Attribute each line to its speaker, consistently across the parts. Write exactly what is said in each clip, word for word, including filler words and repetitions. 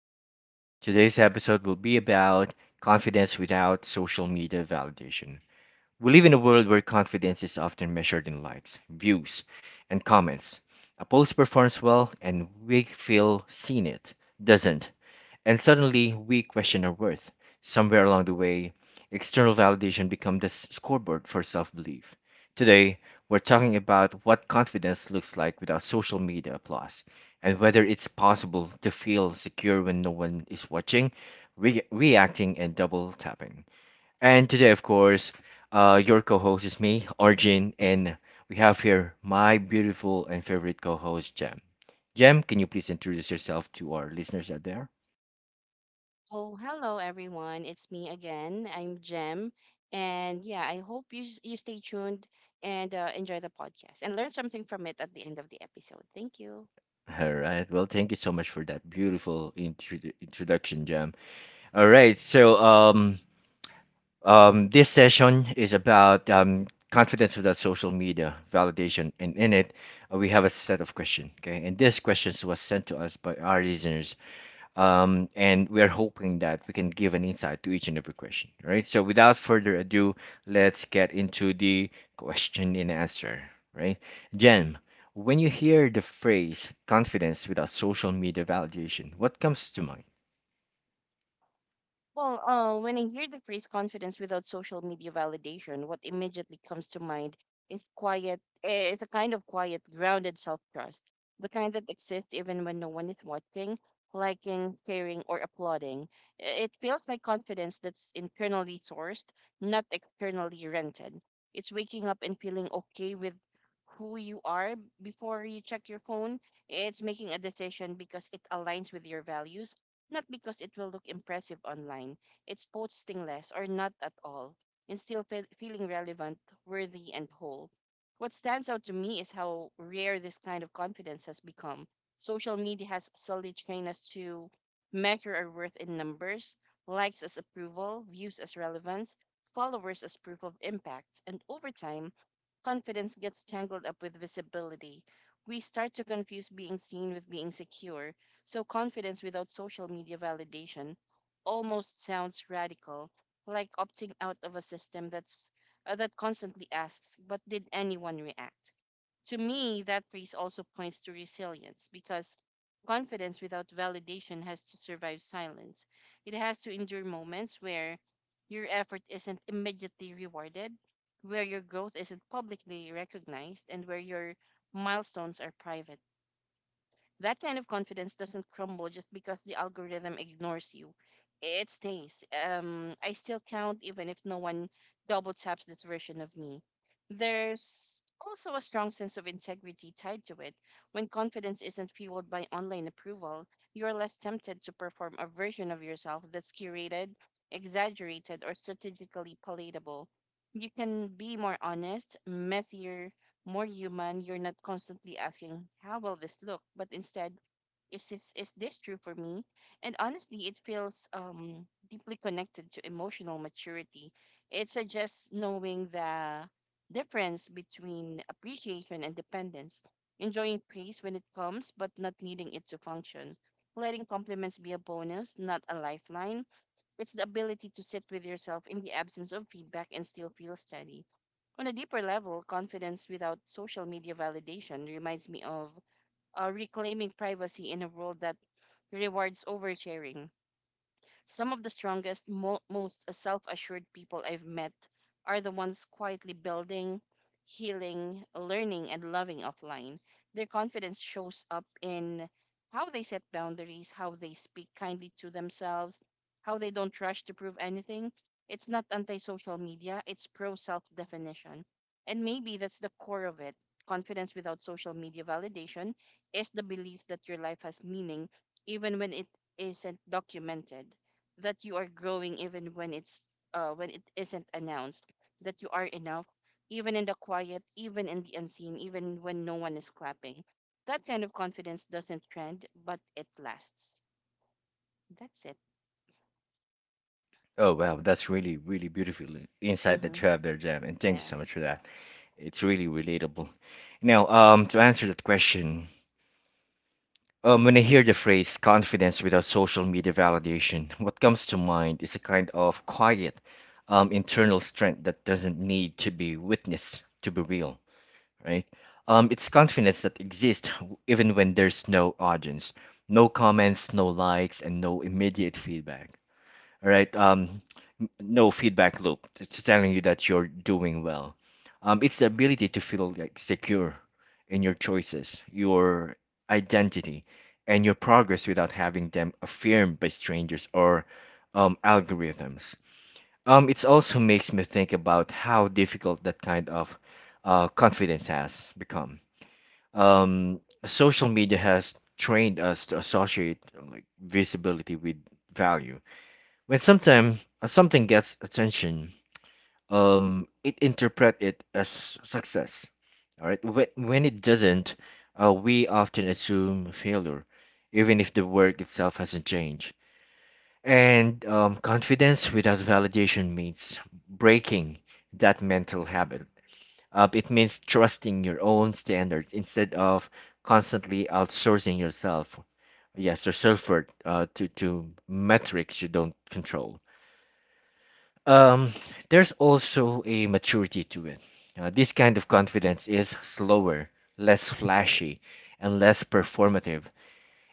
Speaker 1: podcast. Today's episode will be about confidence without social media validation. We live in a world where confidence is often measured in likes, views, and comments. A post performs well, and we feel seen it doesn't. And suddenly we question our worth. Somewhere along the way, external validation becomes the s- scoreboard for self belief. Today, we're talking about what confidence looks like without social media applause and whether it's possible to feel secure when no one is watching, re- reacting, and double tapping. And today, of course, uh, your co host is me, Arjun, and we have here my beautiful and favorite co host, Jem. Jem, can you please introduce yourself to our listeners out there?
Speaker 2: Oh, hello everyone. It's me again. I'm Jem. And yeah, I hope you s- you stay tuned and uh, enjoy the podcast and learn something from it at the end of the episode. Thank you.
Speaker 1: All right. Well, thank you so much for that beautiful intro- introduction, Jam. All right. So, um, um, this session is about um, confidence without social media validation, and in it, uh, we have a set of questions. Okay, and these questions was sent to us by our listeners, um, and we are hoping that we can give an insight to each and every question, right? So without further ado, let's get into the question and answer, right? Jen, when you hear the phrase confidence without social media validation, what comes to mind?
Speaker 2: Well, uh, when I hear the phrase confidence without social media validation, what immediately comes to mind is quiet, eh, is a kind of quiet, grounded self trust, the kind that exists even when no one is watching, liking, sharing, or applauding. I- It feels like confidence that's internally sourced, not externally rented. It's waking up and feeling okay with who you are before you check your phone. It's making a decision because it aligns with your values, not because it will look impressive online. It's posting less or not at all and still fe- feeling relevant, worthy, and whole. What stands out to me is how rare this kind of confidence has become. Social media has solely trained us to measure our worth in numbers, likes as approval, views as relevance, followers as proof of impact, and over time, confidence gets tangled up with visibility. We start to confuse being seen with being secure, so confidence without social media validation almost sounds radical, like opting out of a system that's uh, that constantly asks, "But did anyone react?" To me, that phrase also points to resilience because confidence without validation has to survive silence. It has to endure moments where your effort isn't immediately rewarded, where your growth isn't publicly recognized, and where your milestones are private. That kind of confidence doesn't crumble just because the algorithm ignores you. It stays. Um, I still count even if no one double taps this version of me. There's also a strong sense of integrity tied to it. When confidence isn't fueled by online approval, you're less tempted to perform a version of yourself that's curated, exaggerated, or strategically palatable. You can be more honest, messier, more human. You're not constantly asking, how will this look? But instead, is this, is this true for me? And honestly, it feels um, deeply connected to emotional maturity. It suggests knowing the difference between appreciation and dependence, enjoying praise when it comes, but not needing it to function. Letting compliments be a bonus, not a lifeline. It's the ability to sit with yourself in the absence of feedback and still feel steady on a deeper level. Confidence without social media validation reminds me of uh, reclaiming privacy in a world that rewards oversharing. Some of the strongest, mo- most self assured people I've met are the ones quietly building, healing, learning, and loving offline. Their confidence shows up in how they set boundaries, how they speak kindly to themselves, how they don't rush to prove anything. It's not anti social media, it's pro self definition. And maybe that's the core of it. Confidence without social media validation is the belief that your life has meaning, even when it isn't documented, that you are growing even when it's uh, when it isn't announced, that you are enough even in the quiet, even in the unseen, even when no one is clapping. That kind of confidence doesn't trend, but it lasts. That's it.
Speaker 1: Oh, wow, that's really, really beautiful insight
Speaker 2: Mm-hmm.
Speaker 1: that you have there, Jen, and thank you
Speaker 2: Yeah.
Speaker 1: so much for that. It's really relatable. Now, um, to answer that question, Um, when I hear the phrase confidence without social media validation, what comes to mind is a kind of quiet, um, internal strength that doesn't need to be witnessed to be real, right? Um, it's confidence that exists w- even when there's no audience, no comments, no likes, and no immediate feedback. All right. Um, no feedback loop. It's telling you that you're doing well. Um, it's the ability to feel like secure in your choices, your identity, and your progress without having them affirmed by strangers or um, algorithms. Um, it also makes me think about how difficult that kind of uh, confidence has become. Um, social media has trained us to associate uh, like visibility with value. When sometimes something gets attention, um, it interpret it as success. All right. When, when it doesn't, uh, we often assume failure, even if the work itself hasn't changed. And um, Confidence without validation means breaking that mental habit. Uh, it means trusting your own standards instead of constantly outsourcing yourself. Yes, your self worth uh, to, to metrics you don't control. Um, there's also a maturity to it. Uh, this kind of confidence is slower, less flashy, and less performative.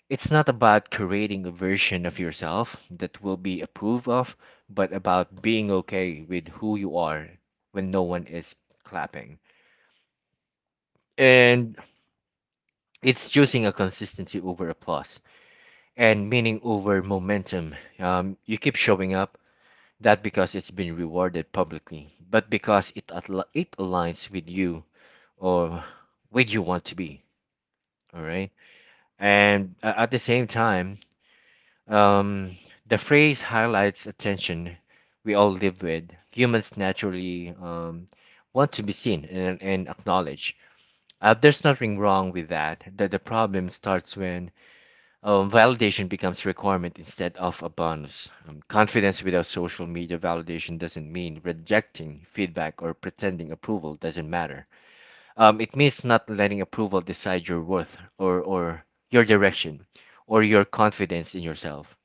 Speaker 1: It's not about creating a version of yourself that will be approved of, but about being okay with who you are when no one is clapping. And it's choosing a consistency over applause and meaning over momentum. Um, you keep showing up not because it's been rewarded publicly, but because it atli- it aligns with you or with you want to be. All right, and uh, at the same time, um, the phrase highlights attention we all live with. Humans naturally um, want to be seen and, and acknowledged. Uh, there's nothing wrong with that. The, the problem starts when, Um, validation becomes a requirement instead of a bonus. Um, confidence without social media validation doesn't mean rejecting feedback or pretending approval doesn't matter. Um, it means not letting approval decide your worth, or, or your direction or your confidence in yourself.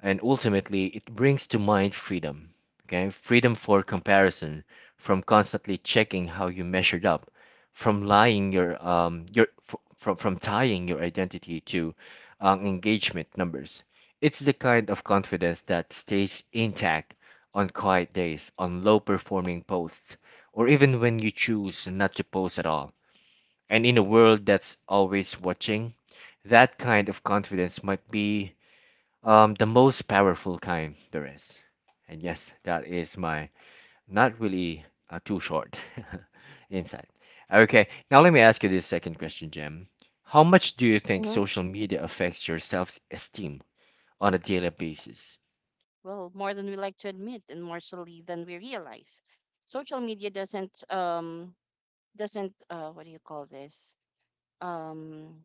Speaker 1: And ultimately, it brings to mind freedom. Okay, freedom for comparison, from constantly checking how you measured up, from lying your um your f- from from tying your identity to, um, engagement numbers. It's the kind of confidence that stays intact on quiet days, on low performing posts, or even when you choose not to post at all. And in a world that's always watching, that kind of confidence might be, um, the most powerful kind there is. And yes, that is my not really uh, too short insight. Okay, now let me ask you this second question, Jim. How much do you think
Speaker 2: Mm-hmm.
Speaker 1: social media affects your self-esteem on a daily basis?
Speaker 2: Well, more than we like to admit, and more slowly than we realize. Social media doesn't um doesn't uh what do you call this um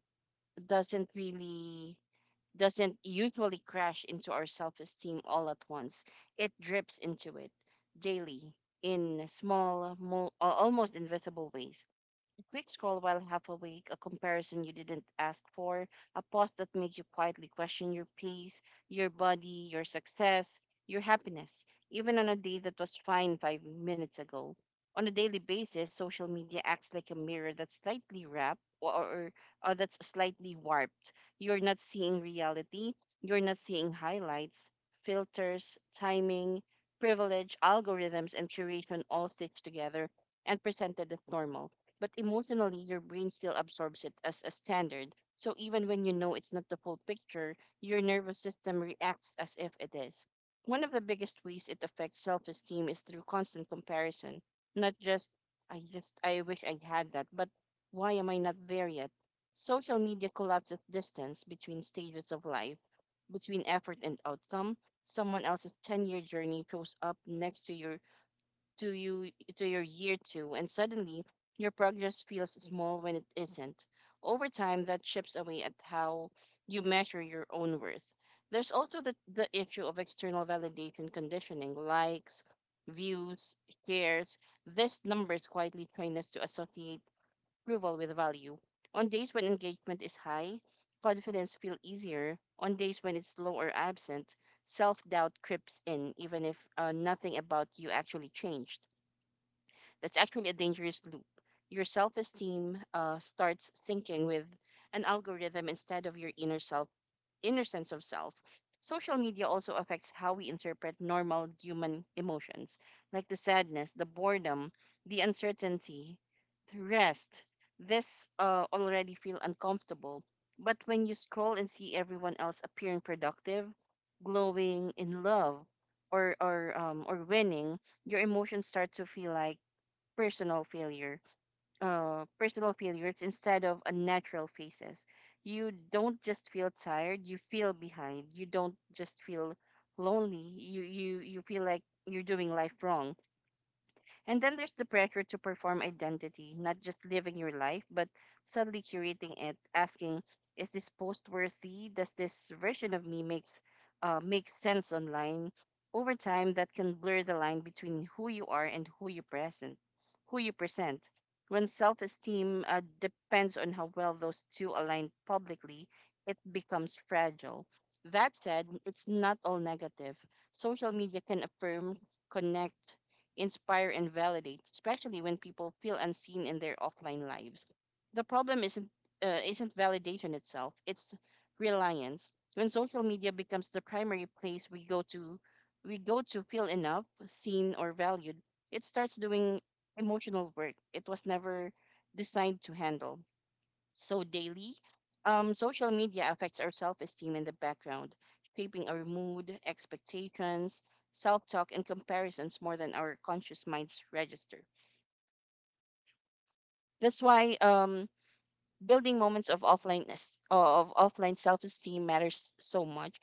Speaker 2: doesn't really doesn't usually crash into our self esteem all at once. It drips into it daily in small, mo- uh, almost invisible ways. A quick scroll while half awake, a comparison you didn't ask for, a pause that made you quietly question your pace, your body, your success, your happiness, even on a day that was fine five minutes ago. On a daily basis, social media acts like a mirror that's slightly warped, or, or, or uh, that's slightly warped. You're not seeing reality, you're not seeing highlights, filters, timing, privilege, algorithms, and curation all stitched together and presented as normal, but emotionally your brain still absorbs it as a standard. So even when you know it's not the full picture, your nervous system reacts as if it is. One of the biggest ways it affects self-esteem is through constant comparison, not just I just I wish I had that, but why am I not there yet? Social media collapses distance between stages of life, between effort and outcome. Someone else's ten-year journey shows up next to your to you to your year two, and suddenly your progress feels small when it isn't. Over time, that chips away at how you measure your own worth. There's also the, the issue of external validation conditioning, likes, views, shares. These numbers quietly train us to associate approval with value. On days when engagement is high, confidence feels easier. On days when it's low or absent, self doubt creeps in, even if uh, nothing about you actually changed. That's actually a dangerous loop. Your self esteem uh, starts syncing with an algorithm instead of your inner self, inner sense of self. Social media also affects how we interpret normal human emotions, like the sadness, the boredom, the uncertainty, the rest. This uh, already feel uncomfortable. But when you scroll and see everyone else appearing productive, glowing in love, or or um or winning, your emotions start to feel like personal failure, uh, personal failures instead of unnatural phases. You don't just feel tired, you feel behind. You don't just feel lonely, you, you, you feel like you're doing life wrong. And then there's the pressure to perform identity, not just living your life, but suddenly curating it, asking, is this post worthy? Does this version of me makes uh, make sense online? Over time, that can blur the line between who you are and who you present, who you present. When self-esteem uh, depends on how well those two align publicly, it becomes fragile. That said, it's not all negative. Social media can affirm, connect, inspire, and validate, especially when people feel unseen in their offline lives. The problem isn't uh, isn't validation itself; it's reliance. When social media becomes the primary place we go to, we go to feel enough, seen, or valued, it starts doing emotional work it was never designed to handle. So daily, um, social media affects our self-esteem in the background, shaping our mood, expectations, self-talk, and comparisons more than our conscious minds register. That's why um, building moments of offline es- of offline self-esteem matters so much.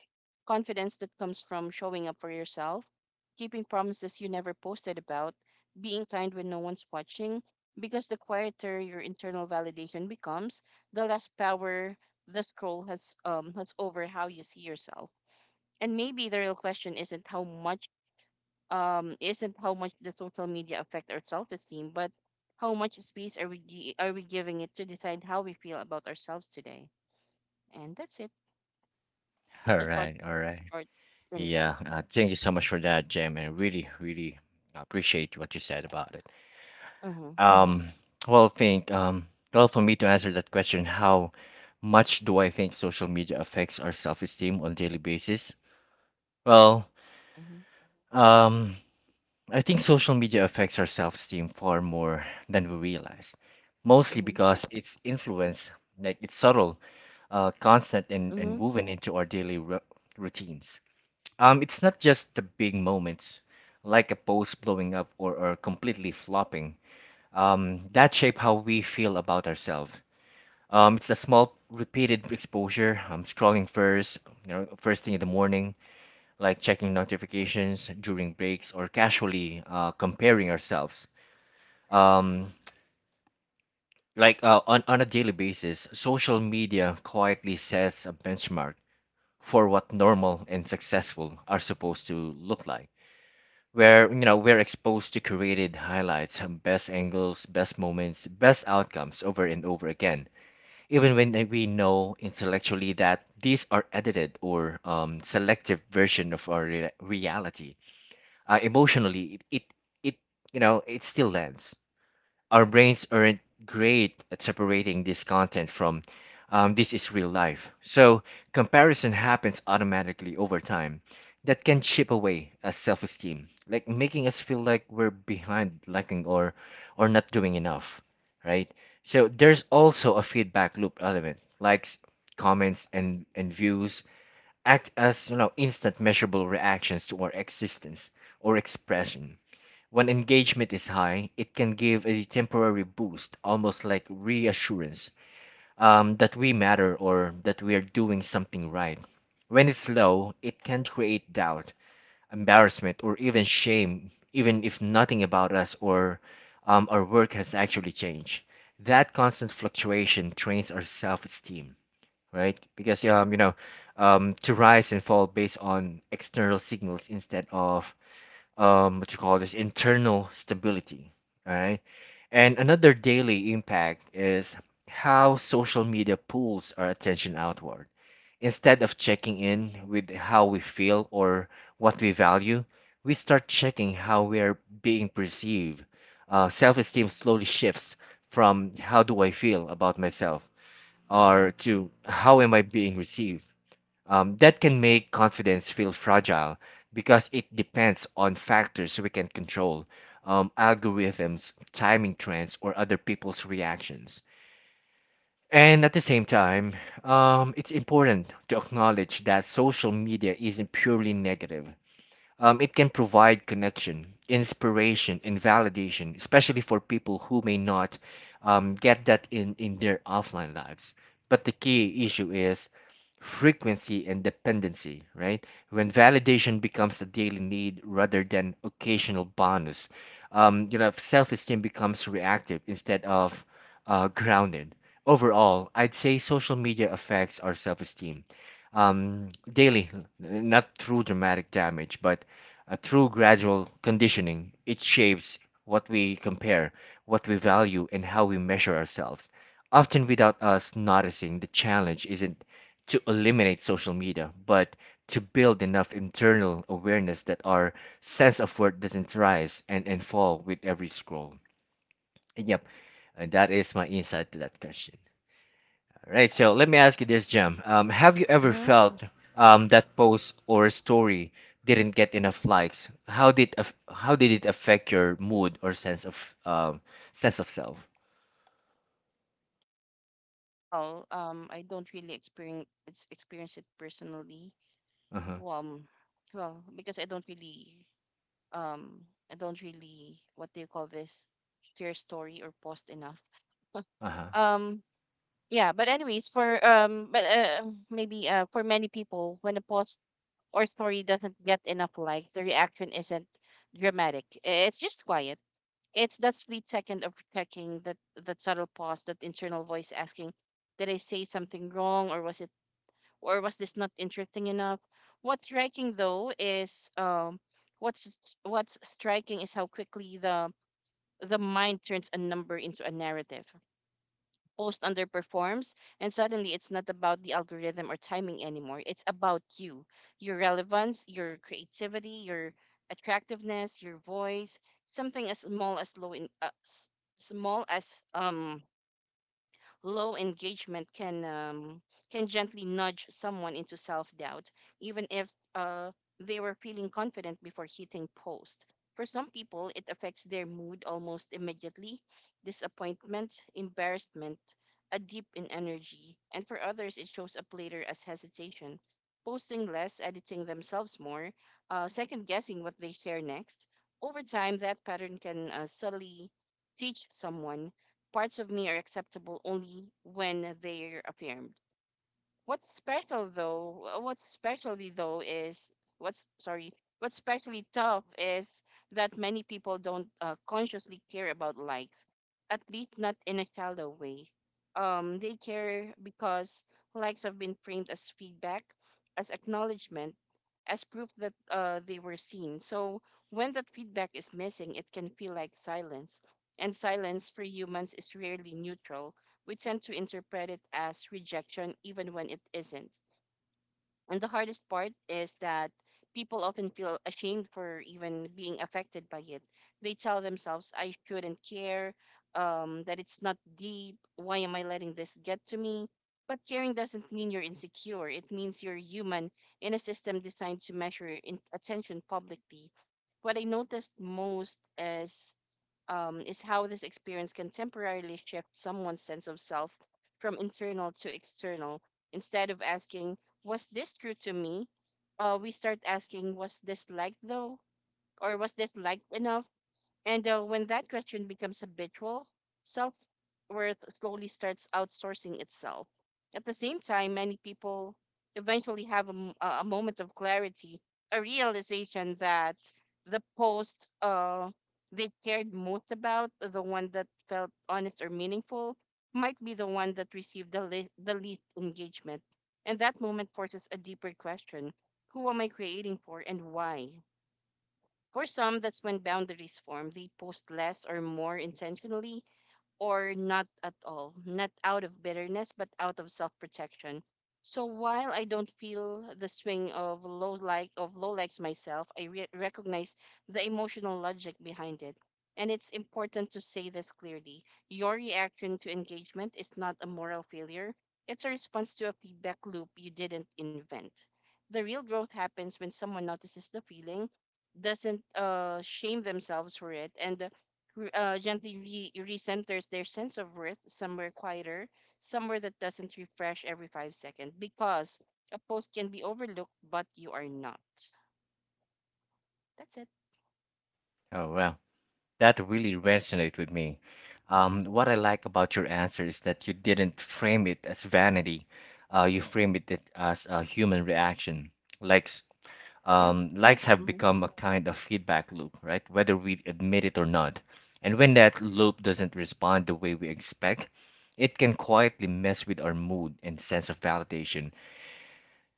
Speaker 2: Confidence that comes from showing up for yourself, keeping promises you never posted about, being kind when no one's watching, because the quieter your internal validation becomes, the less power the scroll has um has over how you see yourself. And maybe the real question isn't how much um, isn't how much the social media affect our self-esteem, but how much space are we gi- are we giving it to decide how we feel about ourselves today? And that's it. Just
Speaker 1: All
Speaker 2: a short,
Speaker 1: right, all right.
Speaker 2: short insight.
Speaker 1: Yeah, uh, thank you so much for that, Jim. I really, really appreciate what you said about it.
Speaker 2: Mm-hmm.
Speaker 1: Um, well, think, um, well, for me to answer that question, how much do I think social media affects our self-esteem on daily basis? Well,
Speaker 2: Mm-hmm.
Speaker 1: um, I think social media affects our self-esteem far more than we realize, mostly
Speaker 2: Mm-hmm.
Speaker 1: because its influence, like it's subtle, uh, constant, and,
Speaker 2: Mm-hmm.
Speaker 1: and woven into our daily ru routines. Um, it's not just the big moments, like a post blowing up, or, or completely flopping, um, that shape how we feel about ourselves. Um, it's a small repeated exposure. I'm scrolling first, you know, first thing in the morning, like checking notifications during breaks or casually uh, comparing ourselves. Um, like uh, on, on a daily basis, social media quietly sets a benchmark for what normal and successful are supposed to look like. Where, you know, we're exposed to curated highlights, best angles, best moments, best outcomes over and over again, even when they- we know intellectually that these are edited or, um, selective version of our rea- reality. Uh, emotionally it, it it, you know, it still lands. Our brains aren't great at separating this content from, um, this is real life. So comparison happens automatically over time. That can chip away at self-esteem, like making us feel like we're behind, lacking, or or not doing enough, right? So there's also a feedback loop element. Likes, comments, and and views act as, you know, instant measurable reactions to our existence or expression. When engagement is high, it can give a temporary boost, almost like reassurance, um, that we matter or that we are doing something right. When it's low, it can create doubt, embarrassment, or even shame, even if nothing about us or, um, our work has actually changed. That constant fluctuation trains our self esteem, right? Because, um, you know, um, to rise and fall based on external signals instead of, um, what you call this internal stability, right? And another daily impact is how social media pulls our attention outward. Instead of checking in with how we feel or what we value, we start checking how we are being perceived. Uh, Self esteem slowly shifts from how do I feel about myself or to how am I being received. Um, that can make confidence feel fragile because it depends on factors we can control, um, algorithms, timing trends, or other people's reactions. And at the same time, um, it's important to acknowledge that social media isn't purely negative. Um, it can provide connection, inspiration, and validation, especially for people who may not, um, get that in, in their offline lives. But the key issue is frequency and dependency, right? When validation becomes a daily need rather than occasional bonus, um, you know, self-esteem becomes reactive instead of, uh, grounded. Overall, I'd say social media affects our self-esteem, um, daily, not through dramatic damage, but uh, through gradual conditioning. It shapes what we compare, what we value, and how we measure ourselves, often without us noticing. The challenge isn't to eliminate social media, but to build enough internal awareness that our sense of worth doesn't rise and, and fall with every scroll. And yep, and that is my insight to that question. Right. So let me ask you this, Jem. Um, have you ever
Speaker 2: Mm-hmm. Mm-hmm.
Speaker 1: felt, um, that post or story didn't get enough likes? How did af- how did it affect your mood or sense of, um, sense of self?
Speaker 2: Well, um, I don't really experience experience it personally.
Speaker 1: Uh huh.
Speaker 2: Well, um, well, because I don't really, um, I don't really, what do you call this, share story or post enough.
Speaker 1: Uh huh.
Speaker 2: Um, yeah, but anyways, for um but uh, maybe uh for many people when a post or story doesn't get enough likes the reaction isn't dramatic. I- it's just quiet. It's that split second of checking, that that subtle pause, that internal voice asking, did I say something wrong, or was it, or was this not interesting enough? what's striking though is um what's what's striking is how quickly the the mind turns a number into a narrative. Post underperforms and suddenly it's not about the algorithm or timing anymore, it's about you, your relevance, your creativity, your attractiveness, your voice. Something as small as low in uh, s- small as um low engagement can um, can gently nudge someone into self-doubt, even if uh, they were feeling confident before hitting post. For some people, it affects their mood almost immediately. Disappointment, embarrassment, a dip in energy, and for others, it shows up later as hesitation. Posting less, editing themselves more, uh, second guessing what they share next. Over time, that pattern can uh, subtly teach someone, parts of me are acceptable only when they're affirmed. What's special though? Uh, What's specially though is what's sorry. What's especially tough is that many people don't uh, consciously care about likes, at least not in a shallow way. Um, they care because likes have been framed as feedback, as acknowledgement, as proof that uh, they were seen. So when that feedback is missing, it can feel like silence. And silence for humans is rarely neutral. We tend to interpret it as rejection even when it isn't. And the hardest part is that people often feel ashamed for even being affected by it. They tell themselves, "I shouldn't care, um, that it's not deep, why am I letting this get to me?" But caring doesn't mean you're insecure, it means you're human in a system designed to measure in- attention publicly. What I noticed most is um, is how this experience can temporarily shift someone's sense of self from internal to external. Instead of asking, was this true to me? Uh, we start asking, was this liked though? Or was this liked enough? And uh, when that question becomes habitual, self worth slowly starts outsourcing itself. At the same time, many people eventually have a, m- a- a moment of clarity, a realization that the post uh, they cared most about, the one that felt honest or meaningful, might be the one that received the, le- the least engagement. And that moment forces a deeper question: who am I creating for and why? For some, that's when boundaries form. They post less or more intentionally, or not at all, not out of bitterness, but out of self protection. So while I don't feel the swing of low like of low likes myself, I re- recognize the emotional logic behind it. And it's important to say this clearly. Your reaction to engagement is not a moral failure. It's a response to a feedback loop you didn't invent. The real growth happens when someone notices the feeling, doesn't uh, shame themselves for it, and re- uh, gently re- recenters their sense of worth somewhere quieter, somewhere that doesn't refresh every five seconds, because a post can be overlooked, but you are not. That's it.
Speaker 1: Oh well, that really resonated with me. Um, what I like about your answer is that you didn't frame it as vanity. Uh, you framed it as a human reaction. Likes,
Speaker 2: Yeah.
Speaker 1: Um, likes have
Speaker 2: Hmm.
Speaker 1: become a kind of feedback loop, right? Whether we admit it or not. And when that loop doesn't respond the way we expect, it can quietly mess with our mood and sense of validation.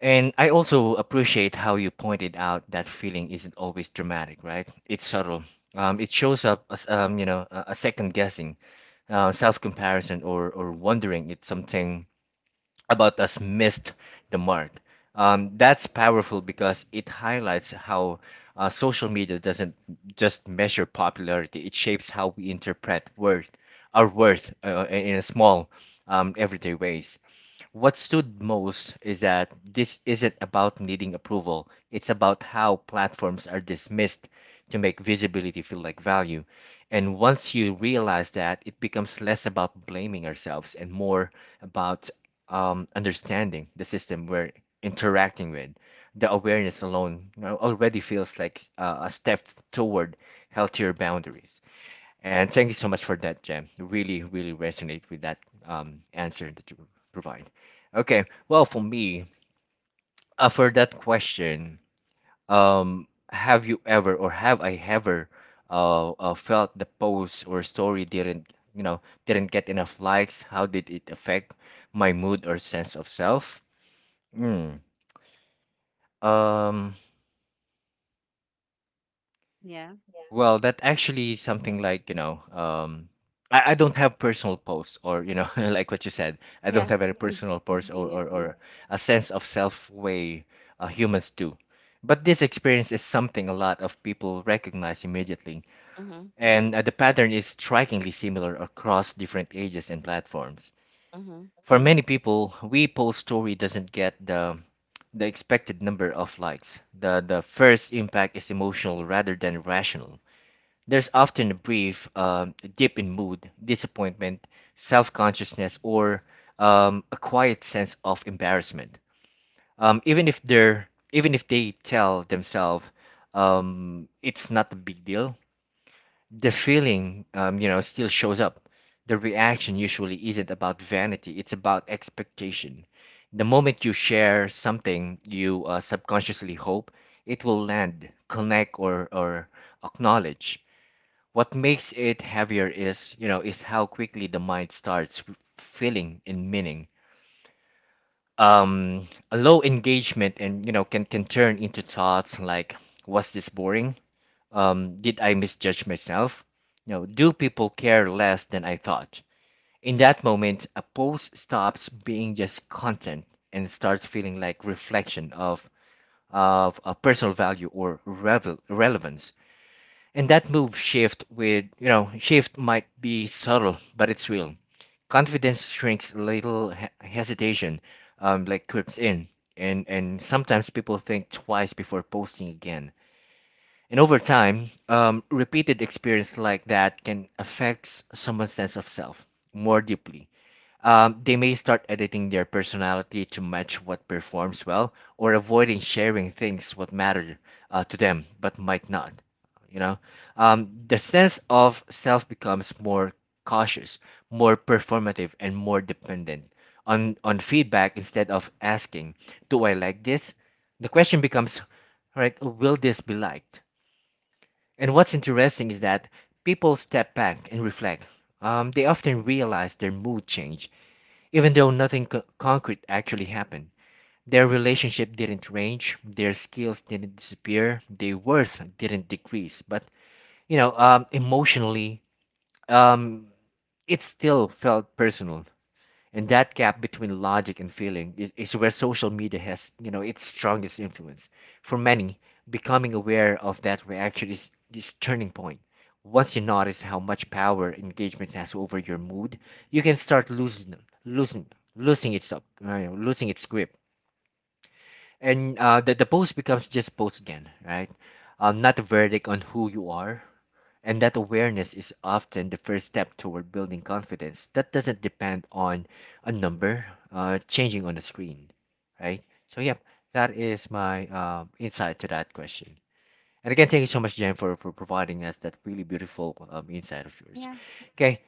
Speaker 1: And I also appreciate how you pointed out that feeling isn't always dramatic, right? It's subtle. Um, it shows up as, um, you know, a a second guessing, uh, self comparison, or or wondering if something about us missed the mark. Um, that's powerful because it highlights how, uh, social media doesn't just measure popularity, it shapes how we interpret worth, our worth, uh, in a small, um, everyday ways. What stood most is that this isn't about needing approval, it's about how platforms are dismissed to make visibility feel like value. And once you realize that, it becomes less about blaming ourselves and more about, um, understanding the system we're interacting with. The awareness alone, you know, already feels like, uh, a step toward healthier boundaries. And thank you so much for that, Jem. Really, really resonate with that um, answer that you provide. Okay, well, for me, uh, for that question, um, have you ever or have I ever uh, uh, felt the post or story didn't, you know, didn't get enough likes? How did it affect my mood or sense of self? Mm. Um,
Speaker 2: Yeah.
Speaker 1: Well, that actually
Speaker 2: Mm.
Speaker 1: something like, you know, um, I, I don't have personal posts or, you know, like what you said, I
Speaker 2: Yeah.
Speaker 1: don't have any personal posts
Speaker 2: Same
Speaker 1: or, or,
Speaker 2: with me.
Speaker 1: or a sense of self way uh, humans do. But this experience is something a lot of people recognize immediately.
Speaker 2: Mm-hmm.
Speaker 1: And uh, the pattern is strikingly similar across different ages and platforms.
Speaker 2: Mm-hmm.
Speaker 1: For many people, we post story doesn't get the the expected number of likes. The the first impact is emotional rather than rational. There's often a brief um, dip in mood, disappointment, self consciousness, or um, a quiet sense of embarrassment. Um, even if they're Even if they tell themselves um, it's not a big deal, the feeling um, you know still shows up. The reaction usually isn't about vanity; it's about expectation. The moment you share something, you uh, subconsciously hope it will land, connect, or or acknowledge. What makes it heavier is, you know, is how quickly the mind starts f- filling in meaning. Um, a low engagement, and, you know, can can turn into thoughts like, was this boring? Um, did I misjudge myself? You know, do people care less than I thought? In that moment, a post stops being just content and starts feeling like reflection of of a personal value or revel relevance. And that move shift with, you know, shift might be subtle, but it's real. Confidence shrinks, little he- hesitation um, like creeps in. And, and sometimes people think twice before posting again. And over time, um, repeated experience like that can affect someone's sense of self more deeply. Um, they may start editing their personality to match what performs well or avoiding sharing things what matter uh, to them but might not you know um, the sense of self becomes more cautious, more performative, and more dependent on on feedback. Instead of asking, do I like this, the question becomes, right, will this be liked? And what's interesting is that people step back and reflect. Um, they often realize their mood change, even though nothing co- concrete actually happened. Their relationship didn't range, their skills didn't disappear, their worth didn't decrease. But you know, um, emotionally, um, it still felt personal, and that gap between logic and feeling is, is where social media has, you know its strongest influence. For many, becoming aware of that reaction is is turning point. Once you notice how much power engagement has over your mood, you can start losing, losing, losing its up you know, losing its grip. And uh, the, the post becomes just post again, right? Um, not a verdict on who you are. And that awareness is often the first step toward building confidence that doesn't depend on a number uh, changing on the screen, right? So, yep, that is my um, insight to that question. And again, thank you so much, Jen, for, for providing us that really beautiful um, insight of yours.
Speaker 2: Yeah.
Speaker 1: Okay,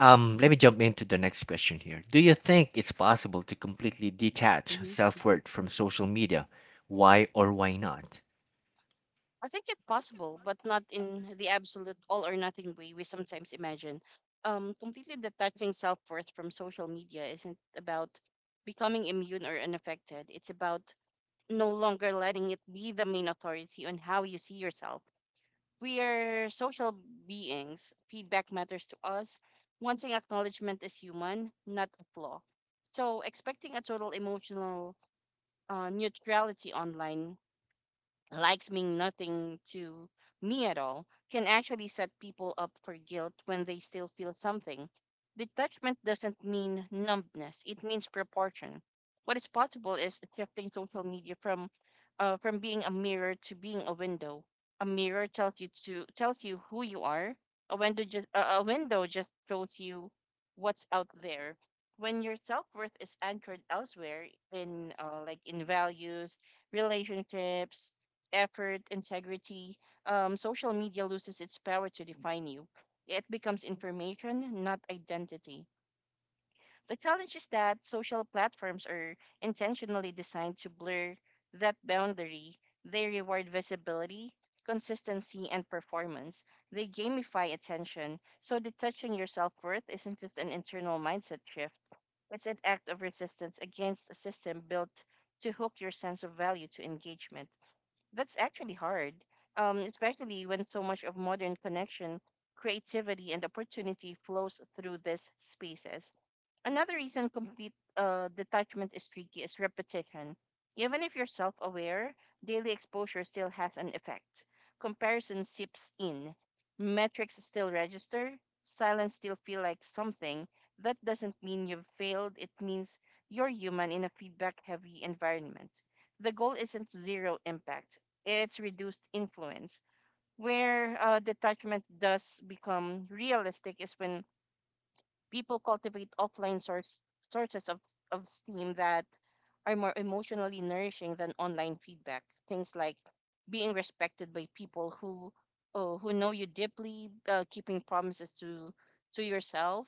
Speaker 1: um, let me jump into the next question here. Do you think it's possible to completely detach
Speaker 2: Mm-hmm.
Speaker 1: self worth from social media? Why or why not?
Speaker 2: I think it's possible, but not in the absolute all or nothing way we sometimes imagine. Um, completely detaching self worth from social media isn't about becoming immune or unaffected. It's about no longer letting it be the main authority on how you see yourself. We are social beings. Feedback matters to us. Wanting acknowledgement is human, not a flaw. So, expecting a total emotional uh, neutrality online, likes mean nothing to me at all, can actually set people up for guilt when they still feel something. Detachment doesn't mean numbness, it means proportion. What is possible is shifting social media from uh, from being a mirror to being a window. A mirror tells you to tells you who you are. A window just uh, a window just shows you what's out there. When your self worth is anchored elsewhere in uh, like in values, relationships, effort, integrity, um, social media loses its power to define you. It becomes information, not identity. The challenge is that social platforms are intentionally designed to blur that boundary. They reward visibility, consistency, and performance. They gamify attention, so detaching your self worth isn't just an internal mindset shift, it's an act of resistance against a system built to hook your sense of value to engagement. That's actually hard, um, especially when so much of modern connection, creativity, and opportunity flows through these spaces. Another reason complete uh, detachment is tricky is repetition. Even if you're self aware, daily exposure still has an effect. Comparison seeps in, metrics still register, silence still feel like something. That doesn't mean you've failed, it means you're human in a feedback heavy environment. The goal isn't zero impact, it's reduced influence. Where uh, detachment does become realistic is when people cultivate offline source, sources of, of STEAM that are more emotionally nourishing than online feedback. Things like being respected by people who oh, who know you deeply, uh, keeping promises to to yourself,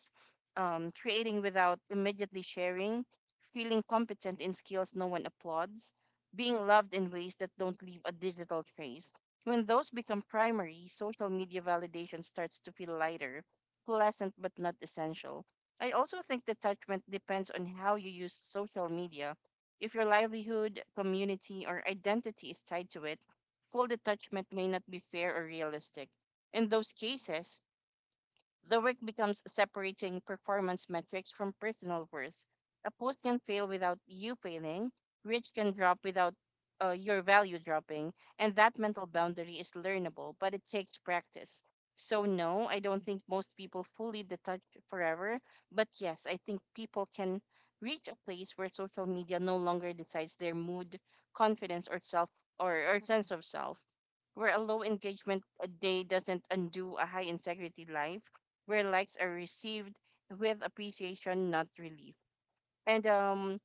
Speaker 2: um, creating without immediately sharing, feeling competent in skills no one applauds, being loved in ways that don't leave a digital trace. When those become primary, social media validation starts to feel lighter, pleasant but not essential. I also think detachment depends on how you use social media. If your livelihood, community, or identity is tied to it, full detachment may not be fair or realistic. In those cases, the work becomes separating performance metrics from personal worth. A post can fail without you failing, reach can drop without uh, your value dropping, and that mental boundary is learnable, but it takes practice. So, no, I don't think most people fully detach forever, but yes, I think people can reach a place where social media no longer decides their mood, confidence, or self or, or sense of self, where a low engagement a day doesn't undo a high integrity life, where likes are received with appreciation, not relief. And um,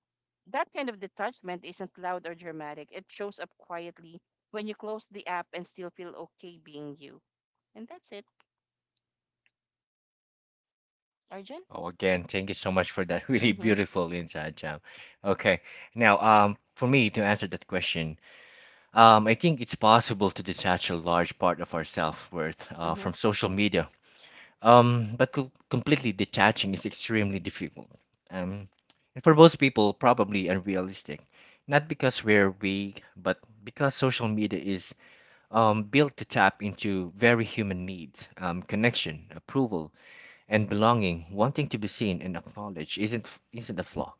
Speaker 2: that kind of detachment isn't loud or dramatic. It shows up quietly when you close the app and still feel okay being you. And that's it, Arjun.
Speaker 1: Oh, again, thank you so much for that really
Speaker 2: Mm-hmm.
Speaker 1: beautiful inside job. Okay, now, um, for me to answer that question, um, I think it's possible to detach a large part of our self-worth uh, from social media. Um, but co- completely detaching is extremely difficult. Um, and for most people, probably unrealistic. Not because we're weak, but because social media is um, built to tap into very human needs: um, connection, approval, and belonging. Wanting to be seen and acknowledged isn't isn't a flaw.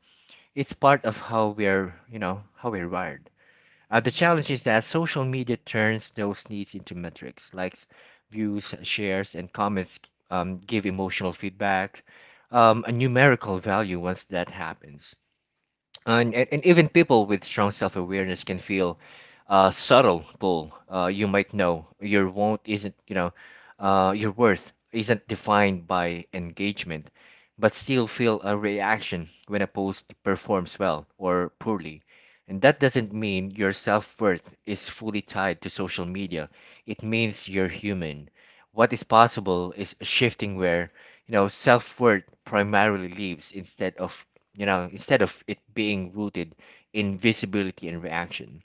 Speaker 1: It's part of how we're, you know how we're wired. Uh, the challenge is that social media turns those needs into metrics. Likes, views, shares, and comments um, give emotional feedback, um, a numerical value. Once that happens, and, and, and even people with strong self-awareness can feel a subtle pull. Uh, you might know your won't isn't you know uh, Your worth isn't defined by engagement, but still feel a reaction when a post performs well or poorly. And that doesn't mean your self-worth is fully tied to social media. It means you're human. What is possible is shifting where, you know self-worth primarily lives. Instead of, you know, instead of it being rooted in visibility and reaction,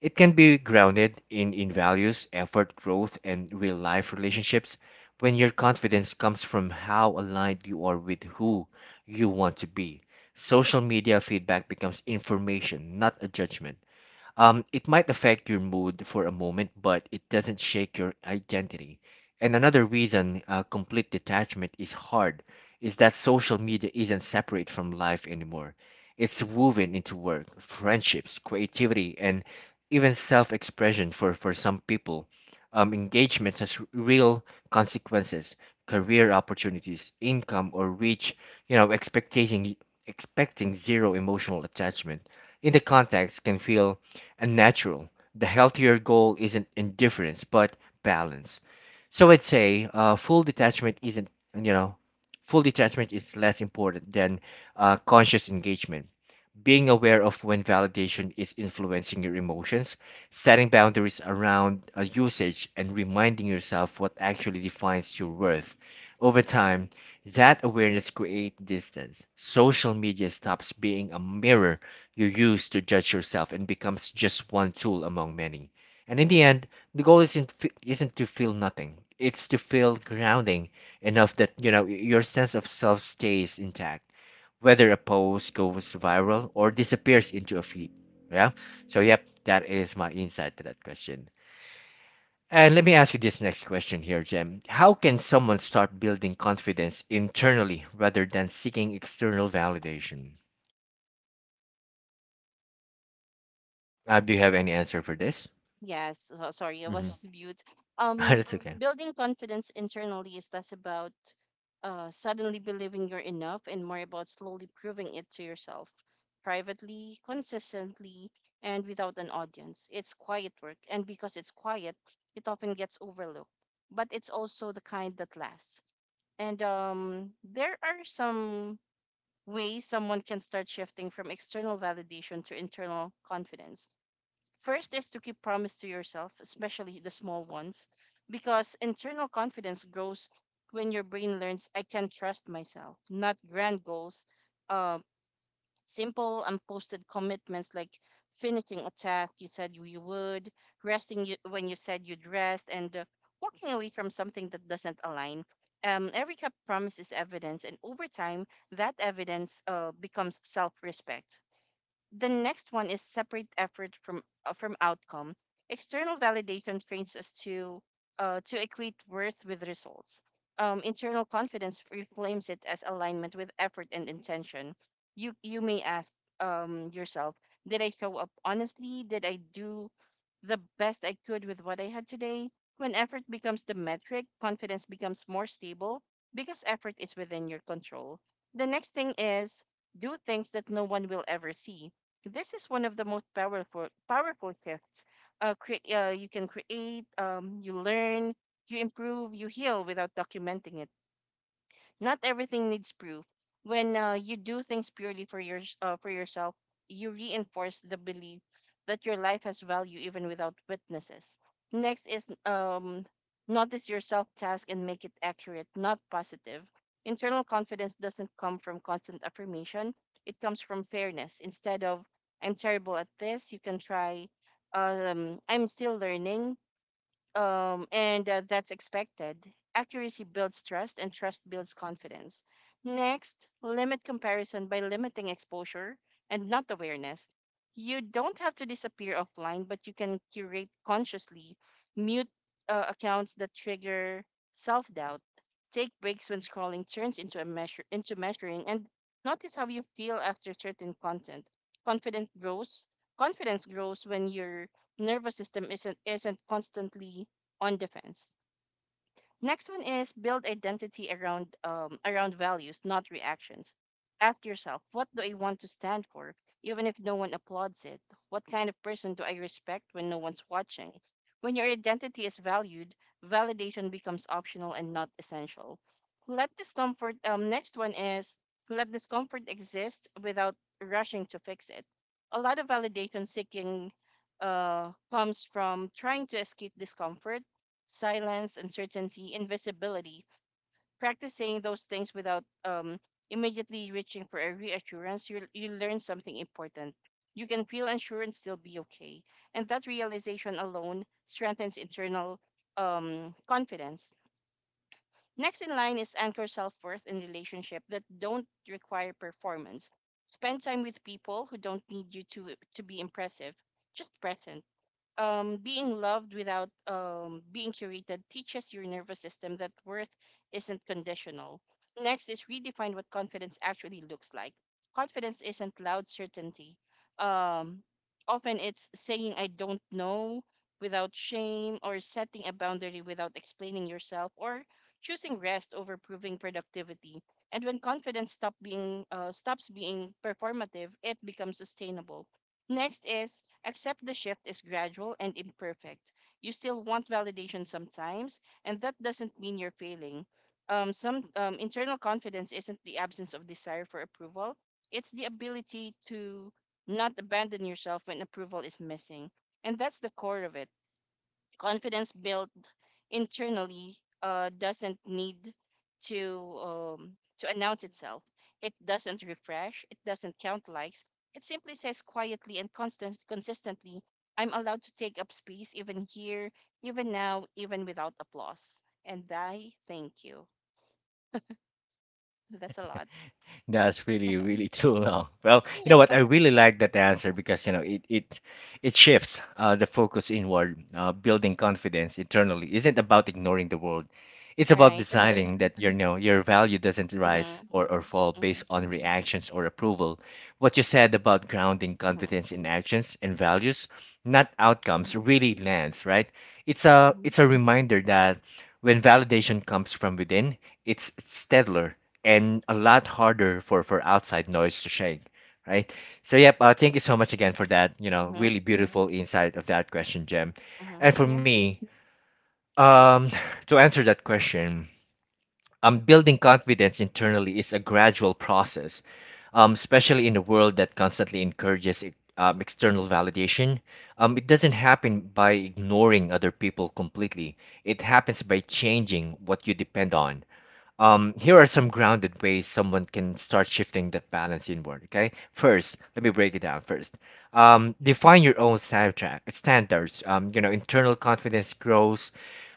Speaker 1: it can be grounded in, in values, effort, growth, and real life relationships. When your confidence comes from how aligned you are with who you want to be, social media feedback becomes information, not a judgment. Um, it might affect your mood for a moment, but it doesn't shake your identity. And another reason uh, complete detachment is hard is that social media isn't separate from life anymore. It's woven into work, friendships, creativity, and even self expression for, for some people. Um, engagement has real consequences: career opportunities, income, or reach. you know, expecting, expecting zero emotional attachment in the context can feel and natural. The healthier goal isn't indifference, but balance. So I'd say uh, full detachment isn't, you know, full detachment is less important than uh, conscious engagement: being aware of when validation is influencing your emotions, setting boundaries around uh, usage, and reminding yourself what actually defines your worth. Over time, that awareness creates distance. Social media stops being a mirror you use to judge yourself and becomes just one tool among many. And in the end, the goal isn't fe- isn't to feel nothing. It's to feel grounding enough that, you know your sense of self stays intact whether a post goes viral or disappears into a feed. Yeah. So, yep, that is my insight to that question. And let me ask you this next question here, Jem. How can someone start building confidence internally rather than seeking external validation? Uh, do you have any answer for this?
Speaker 2: Yes, so, sorry, I
Speaker 1: Mm-hmm.
Speaker 2: was mute. Um,
Speaker 1: That's okay.
Speaker 2: Building confidence internally is less about uh, suddenly believing you're enough and more about slowly proving it to yourself, privately, consistently, and without an audience. It's quiet work, and because it's quiet, it often gets overlooked. But it's also the kind that lasts. And um, there are some ways someone can start shifting from external validation to internal confidence. First is to keep promise to yourself, especially the small ones, because internal confidence grows when your brain learns I can trust myself, not grand goals. uh, Simple unposted commitments like finishing a task you said you would, resting you, when you said you'd rest, and uh, walking away from something that doesn't align. Um, every cup promise is evidence, and over time, that evidence uh, becomes self respect. The next one is separate effort from uh, from outcome. External validation trains us to uh, to equate worth with results. Um, internal confidence reframes it as alignment with effort and intention. You you may ask um, yourself, did I show up honestly? Did I do the best I could with what I had today? When effort becomes the metric, confidence becomes more stable because effort is within your control. The next thing is do things that no one will ever see. This is one of the most powerful powerful shifts. Uh, cre- uh, you can create, um, you learn, you improve, you heal without documenting it. Not everything needs proof. When uh, you do things purely for your uh, for yourself, you reinforce the belief that your life has value even without witnesses. Next is, um, notice your self task and make it accurate, not positive. Internal confidence doesn't come from constant affirmation. It comes from fairness. Instead of I'm terrible at this, you can try um, I'm still learning, um, and uh, that's expected. Accuracy builds trust, and trust builds confidence. Next, limit comparison by limiting exposure and not awareness. You don't have to disappear offline, but you can curate consciously, mute uh, accounts that trigger self doubt, take breaks when scrolling turns into a measure into measuring, and notice how you feel after certain content. Confidence grows. Confidence grows when you're nervous system isn't isn't constantly on defense. Next one is build identity around um, around values, not reactions. Ask yourself, what do I want to stand for, even if no one applauds it? What kind of person do I respect when no one's watching? When your identity is valued, validation becomes optional and not essential. Let discomfort. Um, next one is let discomfort exist without rushing to fix it. A lot of validation seeking uh, comes from trying to escape discomfort: silence, uncertainty, invisibility. Practicing those things without um, immediately reaching for a reassurance, you, you learn something important. You can feel unsure and still be okay. And that realization alone strengthens internal um, confidence. Next in line is anchor self worth in relationships that don't require performance. Spend time with people who don't need you to, to be impressive, just present. Um, being loved without um, being curated teaches your nervous system that worth isn't conditional. Next is redefine what confidence actually looks like. Confidence isn't loud certainty. Um, Often it's saying I don't know without shame, or setting a boundary without explaining yourself, or choosing rest over proving productivity. And when confidence stop being uh, stops being performative, it becomes sustainable. Next is accept the shift is gradual and imperfect. You still want validation sometimes, and that doesn't mean you're failing. Um, some um, Internal confidence isn't the absence of desire for approval, it's the ability to not abandon yourself when approval is missing. And that's the core of it: confidence built internally uh, doesn't need to um, to announce itself. It doesn't refresh. It doesn't count likes. It simply says quietly and constant, consistently, "I'm allowed to take up space, even here, even now, even without applause." And I thank you. That's a lot.
Speaker 1: That's really, really too long. Well, you
Speaker 2: Yeah.
Speaker 1: know what? I really like that answer because, you know, it it it shifts uh, the focus inward. Uh, building confidence internally isn't about ignoring the world. It's about
Speaker 2: Right.
Speaker 1: deciding that your you know, your value doesn't rise
Speaker 2: Mhm.
Speaker 1: or, or fall based
Speaker 2: Mhm.
Speaker 1: on reactions or approval. What you said about grounding
Speaker 2: Mhm.
Speaker 1: confidence in actions and values, not outcomes,
Speaker 2: Mhm.
Speaker 1: really lands, right? It's a
Speaker 2: Mhm.
Speaker 1: it's a reminder that when validation comes from within, it's steadier and a lot harder for for outside noise to shake, right? So, yep, uh, thank you so much again for that, you know
Speaker 2: Mhm.
Speaker 1: really beautiful insight of that question, Jim.
Speaker 2: Mhm.
Speaker 1: And for
Speaker 2: Yeah.
Speaker 1: me,
Speaker 2: Right.
Speaker 1: um to answer that question, um building confidence internally is a gradual process, um especially in a world that constantly encourages e- um, external validation. Um it doesn't happen by ignoring other people completely. It happens by changing what you depend on. Um, here are some grounded ways someone can start shifting that balance inward. Okay, first, let me break it down first. Um, define your own soundtrack standards. Um, you know, internal confidence grows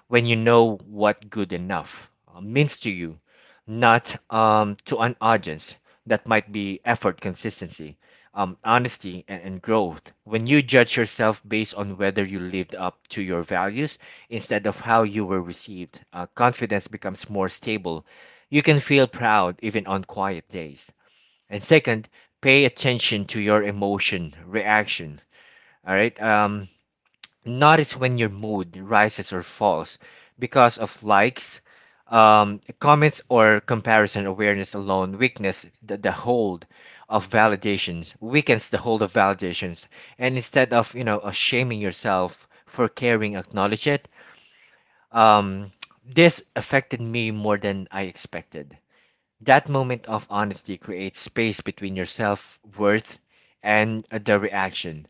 Speaker 1: when you know what good enough uh, means to you, not um, to an audience. That might be effort, consistency, um, honesty, and, and growth. When you judge yourself based on whether you lived up to your values instead of how you were received, uh, confidence becomes more stable. You can feel proud even on quiet days. And second, pay attention to your emotion, reaction. All right. Um, Notice when your mood rises or falls because of likes, um, comments, or comparison. Awareness alone weakness the, the hold of validations, weakens the hold of validations. And instead of, you know uh, shaming yourself for caring, acknowledge it. Um, this affected me more than I expected. That moment of honesty creates space between your self worth and uh, the reaction.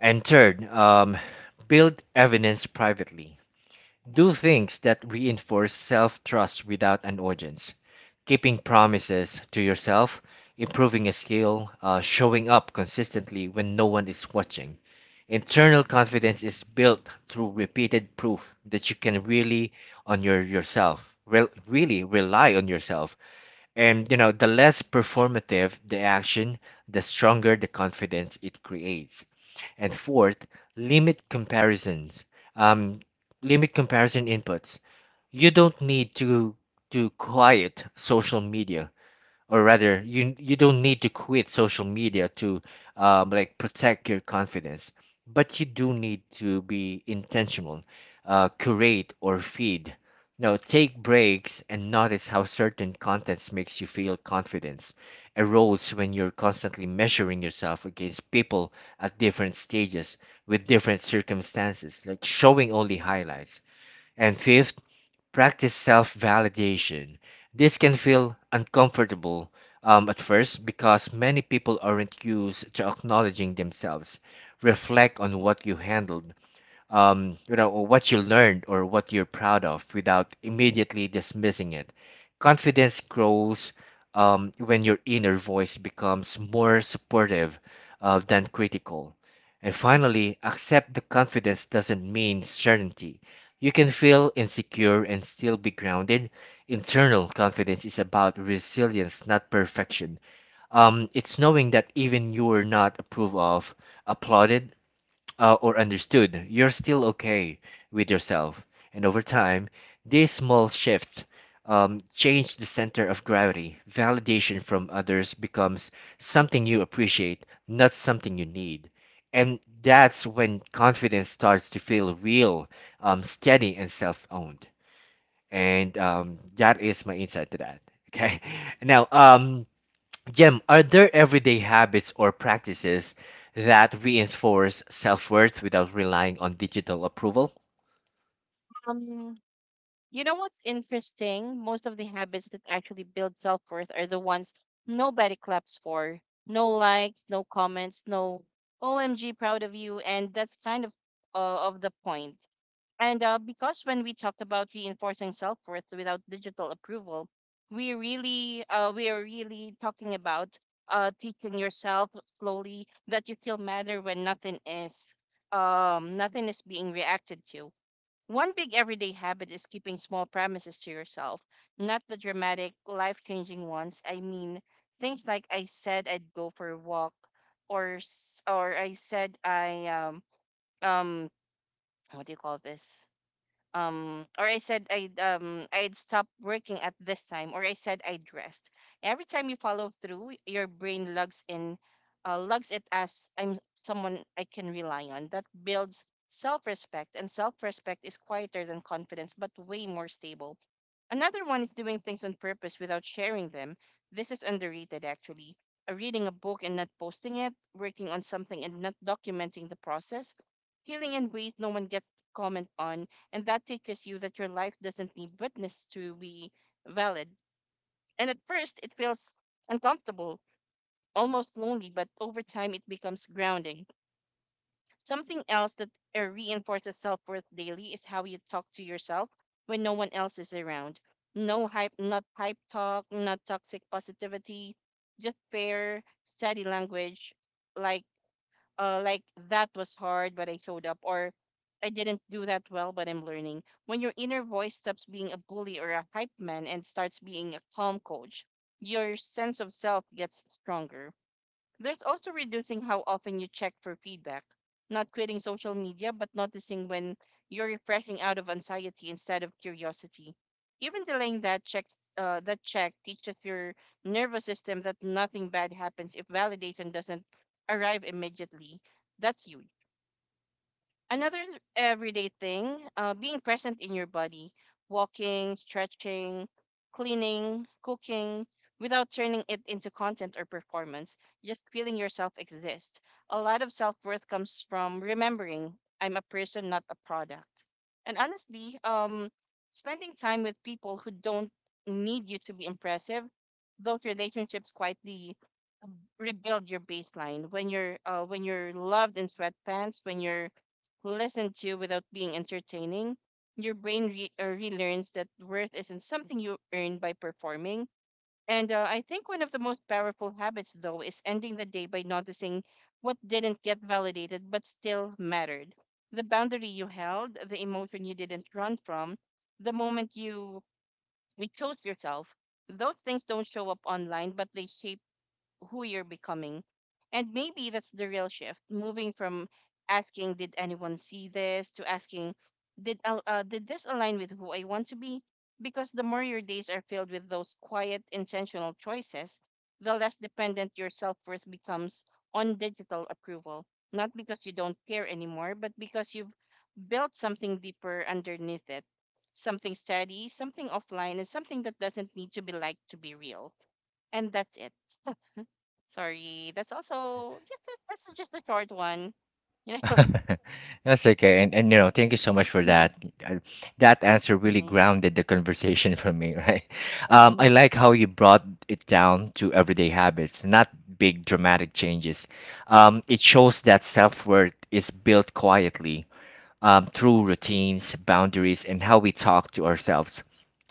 Speaker 1: And third, um, build evidence privately. Do things that reinforce self trust without an audience. Keeping promises to yourself, improving a skill, uh, showing up consistently when no one is watching. Internal confidence is built through repeated proof that you can really on your yourself, rel really rely on yourself. And, you know, the less performative the action, the stronger the confidence it creates. And fourth, limit comparisons. Um, Limit comparison inputs. You don't need to to quiet social media, or rather, you you don't need to quit social media to um, like protect your confidence. But you do need to be intentional. Uh, curate or feed. Now, take breaks and notice how certain contents makes you feel. Confidence erodes when you're constantly measuring yourself against people at different stages with different circumstances, like showing only highlights. And fifth, practice self validation. This can feel uncomfortable um, at first because many people aren't used to acknowledging themselves. Reflect on what you handled, um, you know, or what you learned or what you're proud of without immediately dismissing it. Confidence grows um, when your inner voice becomes more supportive uh, than critical. And finally, accept the confidence doesn't mean certainty. You can feel insecure and still be grounded. Internal confidence is about resilience, not perfection. Um, it's knowing that even you are not approved of, applauded, uh, or understood, you're still okay with yourself. And over time, these small shifts um, change the center of gravity. Validation from others becomes something you appreciate, not something you need. And that's when confidence starts to feel real, um, steady, and self owned. And um, that is my insight to that. Okay. Now, um, Jem, are there everyday habits or practices that reinforce self-worth without relying on digital approval?
Speaker 2: Um. You know what's interesting? Most of the habits that actually build self worth are the ones nobody claps for. No likes, no comments, no O M G, proud of you. And that's kind of uh, of the point. And uh, Because when we talk about reinforcing self worth without digital approval, we really uh, we are really talking about uh, teaching yourself slowly that you still matter when nothing is um, nothing is being reacted to. One big everyday habit is keeping small promises to yourself, not the dramatic, life changing ones. I mean, things like I said I'd go for a walk, or s- or I said I um um what do you call this? Um or I said i'd um I'd stop working at this time, or I said I'd rest. Every time you follow through, your brain lugs in uh, lugs it as I'm someone I can rely on. That builds self-respect, and self-respect is quieter than confidence but way more stable. Another one is doing things on purpose without sharing them. This is underrated, actually. Uh, reading a book and not posting it, working on something and not documenting the process, healing in ways no one gets to comment on, and that teaches you that your life doesn't need witness to be valid. And at first, it feels uncomfortable, almost lonely, but over time, it becomes grounding. Something else that uh, reinforces self worth daily is how you talk to yourself when no one else is around. No hype, not hype talk, not toxic positivity, just fair, steady language, like uh, like that was hard, but I showed up, or I didn't do that well, but I'm learning. When your inner voice stops being a bully or a hype man and starts being a calm coach, your sense of self gets stronger. There's also reducing how often you check for feedback, not quitting social media, but noticing when you're refreshing out of anxiety instead of curiosity. Even delaying that check, uh, that check teaches your nervous system that nothing bad happens if validation doesn't arrive immediately. That's huge. Another everyday thing, uh, being present in your body, walking, stretching, cleaning, cooking, without turning it into content or performance, just feeling yourself exist. A lot of self worth comes from remembering I'm a person, not a product. And honestly, um, spending time with people who don't need you to be impressive, those relationships quietly rebuild your baseline when you're uh, when you're loved in sweatpants, when you're listen to without being entertaining, your brain re- uh, relearns that worth isn't something you earn by performing. And uh, I think one of the most powerful habits, though, is ending the day by noticing what didn't get validated but still mattered. The boundary you held, the emotion you didn't run from, the moment you, you chose yourself. Those things don't show up online, but they shape who you're becoming. And maybe that's the real shift, moving from asking, did anyone see this, to asking, did, al- uh, did this align with who I want to be? Because the more your days are filled with those quiet, intentional choices, the less dependent your self worth becomes on digital approval. Not because you don't care anymore, but because you've built something deeper underneath it, something steady, something offline, and something that doesn't need to be liked to be real. And that's it. Sorry, that's also just that's just a short one. You know.
Speaker 1: That's okay. And, and you know, thank you so much for
Speaker 2: Mhm,
Speaker 1: that. Uh, That answer really
Speaker 2: mhm,
Speaker 1: grounded the conversation for me, right? Um, I
Speaker 2: mhm,
Speaker 1: like how you brought it down to everyday habits, not big dramatic changes. Um, it shows that self-worth is built quietly um, through routines, boundaries, and how we talk to ourselves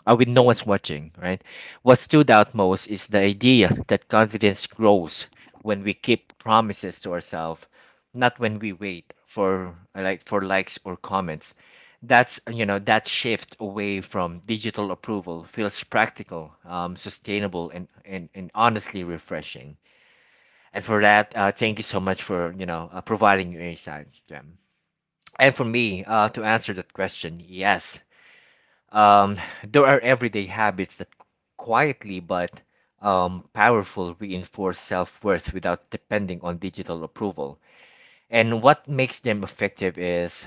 Speaker 1: uh, when no one's watching, right? What stood out most is the idea that confidence grows when we keep promises to ourselves, not when we wait for uh, like for likes or comments. That's you know that shift away from digital approval feels practical, um, sustainable, and, and and honestly refreshing. And for that, uh, thank you so much for you know uh, providing your insight, Jem. And for me, uh, to answer that question, yes. Um, there are everyday habits that quietly but um, powerful reinforce self worth without depending on digital approval. And what makes them effective is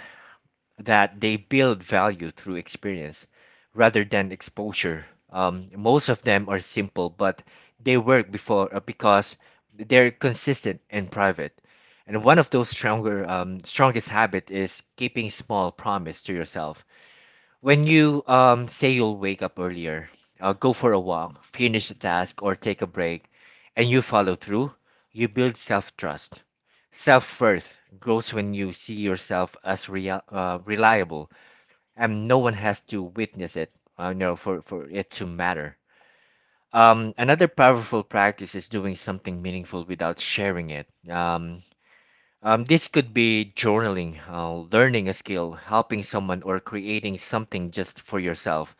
Speaker 1: that they build value through experience rather than exposure. Um, most of them are simple, but they work before uh, because they're consistent and private. And one of those stronger, um, strongest habit is keeping small promise to yourself. When you um, say you'll wake up earlier, uh, go for a walk, finish a task, or take a break, and you follow through, you build self-trust. Self-worth grows when you see yourself as real, uh, reliable and no one has to witness it, uh, you know, for, for it to matter. Um, another powerful practice is doing something meaningful without sharing it. Um, um, this could be journaling, uh, learning a skill, helping someone, or creating something just for yourself.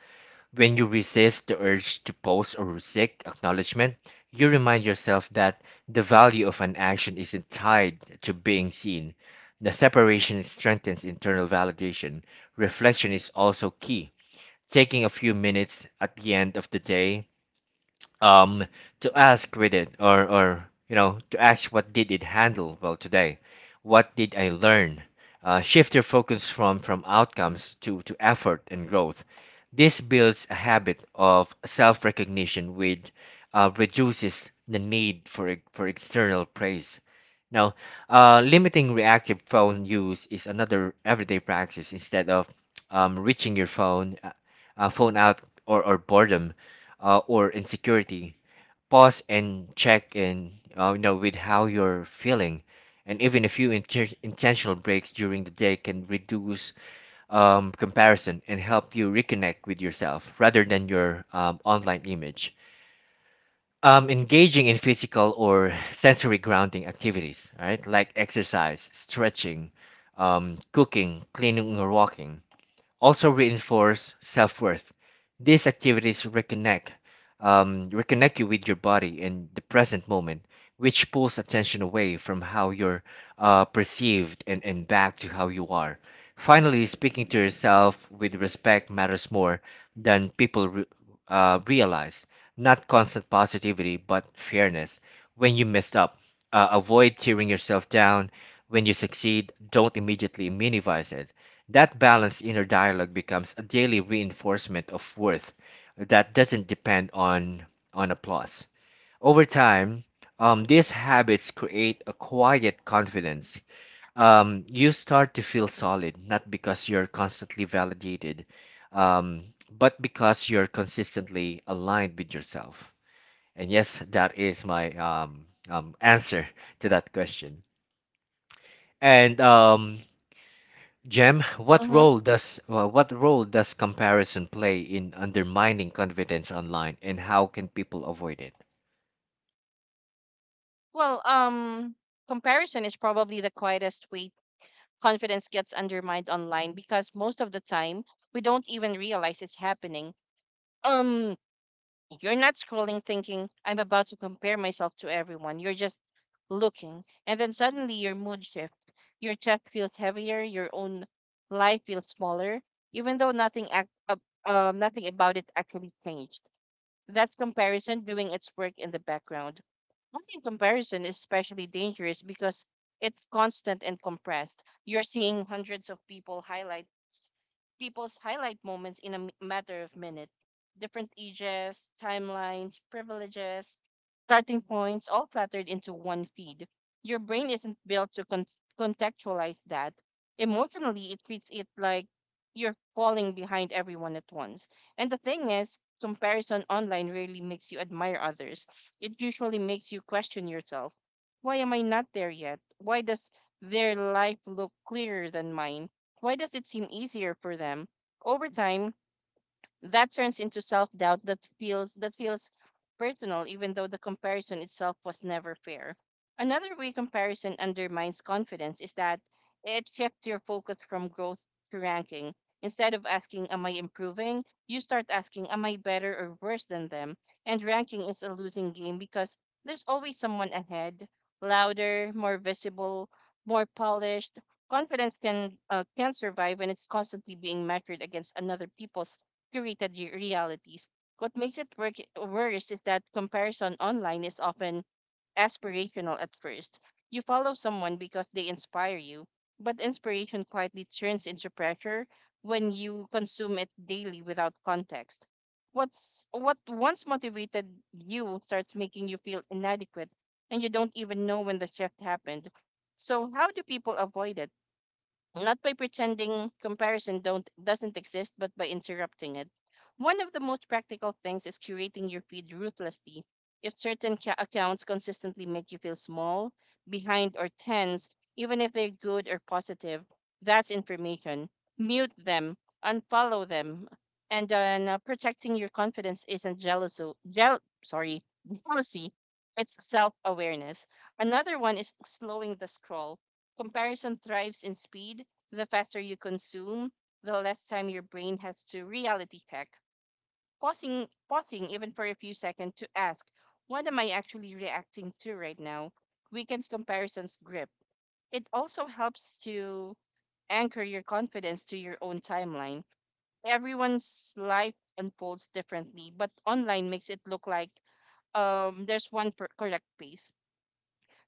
Speaker 1: When you resist the urge to post or seek acknowledgement, you remind yourself that the value of an action isn't tied to being seen. The separation strengthens internal validation. Reflection is also key, taking a few minutes at the end of the day um to ask with it or or you know to ask what did it handle well today, what did I learn. Uh, shift your focus from from outcomes to to effort and growth. This builds a habit of self-recognition which uh, reduces the need for e- for external praise. Now, uh, limiting reactive phone use is another everyday practice instead of um, reaching your phone uh, uh, phone out or, or boredom uh, or insecurity. Pause and check in, uh, you know, with how you're feeling, and even a few inter- intentional breaks during the day can reduce um, comparison and help you reconnect with yourself rather than your um, online image. Um, engaging in physical or sensory grounding activities, right, like exercise, stretching, um, cooking, cleaning, or walking also reinforce self-worth. These activities reconnect, um, reconnect you with your body and the present moment, which pulls attention away from how you're uh, perceived and, and back to how you are. Finally, speaking to yourself with respect matters more than people re- uh, realize. Not constant positivity, but fairness. When you messed up, uh, avoid tearing yourself down. When you succeed, don't immediately minimize it. That balanced inner dialogue becomes a daily reinforcement of worth that doesn't depend on, on applause. Over time, um, these habits create a quiet confidence. Um, you start to feel solid, not because you're constantly validated, um, but because you're consistently aligned with yourself. And yes, that is my um, um, answer to that question. And um, Jem, what
Speaker 2: mhm.
Speaker 1: role does uh, what role does comparison play in undermining confidence online, and how can people avoid it?
Speaker 2: Well, um, comparison is probably the quietest way confidence gets undermined online, because most of the time we don't even realize it's happening. Um, You're not scrolling thinking, I'm about to compare myself to everyone. You're just looking. And then suddenly your mood shifts. Your chest feels heavier. Your own life feels smaller, even though nothing, act, uh, um, nothing about it actually changed. That comparison doing its work in the background. I think comparison is especially dangerous because it's constant and compressed. You're seeing hundreds of people highlight people's highlight moments in a m- matter of minutes. Different ages, timelines, privileges, starting points, all cluttered into one feed. Your brain isn't built to con- contextualize that. Emotionally, it treats it like you're falling behind everyone at once. And the thing is, comparison online really makes you admire others. It usually makes you question yourself. Why am I not there yet? Why does their life look clearer than mine? Why does it seem easier for them? Over time, that turns into self-doubt that feels that feels personal, even though the comparison itself was never fair. Another way comparison undermines confidence is that it shifts your focus from growth to ranking. Instead of asking am I improving, you start asking am I better or worse than them. And ranking is a losing game because there's always someone ahead, louder, more visible, more polished. Confidence can uh, can survive when it's constantly being measured against another people's curated re- realities. What makes it work- worse is that comparison online is often aspirational at first. You follow someone because they inspire you, but inspiration quietly turns into pressure when you consume it daily without context. What's what once motivated you starts making you feel inadequate, and you don't even know when the shift happened. So how do people avoid it? Not by pretending comparison don't doesn't exist, but by interrupting it. One of the most practical things is curating your feed ruthlessly. If certain ca- accounts consistently make you feel small, behind or tense, even if they're good or positive, that's information. Mute them, unfollow them. And then uh, Protecting your confidence isn't jealousy, jeal- sorry, jealousy, it's self-awareness. Another one is slowing the scroll. Comparison thrives in speed. The faster you consume, the less time your brain has to reality check. Pausing, pausing even for a few seconds to ask, what am I actually reacting to right now? Weekends comparisons grip. It also helps to anchor your confidence to your own timeline. Everyone's life unfolds differently, but online makes it look like um, there's one per- correct pace.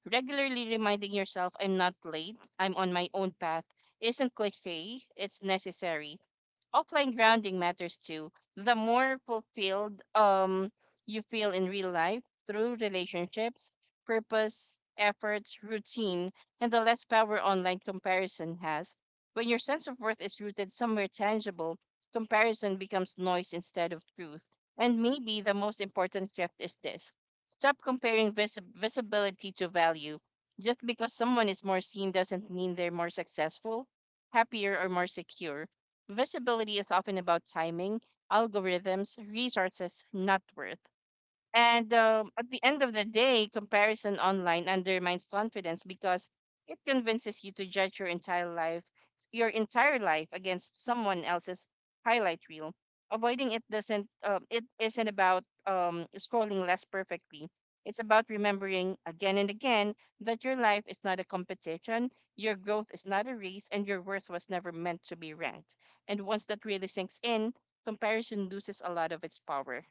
Speaker 2: Regularly reminding yourself, I'm not late, I'm on my own path, isn't cliche, it's necessary. Offline grounding matters too. The more fulfilled um you feel in real life through relationships, purpose, efforts, routine, and the less power online comparison has. When your sense of worth is rooted somewhere tangible, comparison becomes noise instead of truth. And maybe the most important shift is this. Stop comparing vis- visibility to value. Just because someone is more seen doesn't mean they're more successful, happier, or more secure. Visibility is often about timing, algorithms, resources, not worth. And um, At the end of the day, comparison online undermines confidence because it convinces you to judge your entire life, your entire life against someone else's highlight reel. Avoiding it doesn't. Um, it isn't about um, scrolling less perfectly. It's about remembering again and again that your life is not a competition, your growth is not a race, and your worth was never meant to be ranked. And once that really sinks in, comparison loses a lot of its power.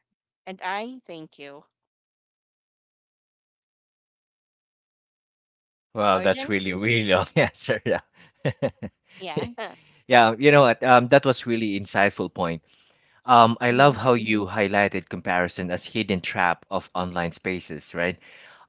Speaker 2: And I thank you.
Speaker 1: Well, that's
Speaker 2: Origin?
Speaker 1: really really long answer. Yeah,
Speaker 2: Yeah.
Speaker 1: yeah. You know what? Um, that was really insightful point. Um, I
Speaker 2: Mm-hmm.
Speaker 1: love how you highlighted comparison as hidden trap of online spaces, right?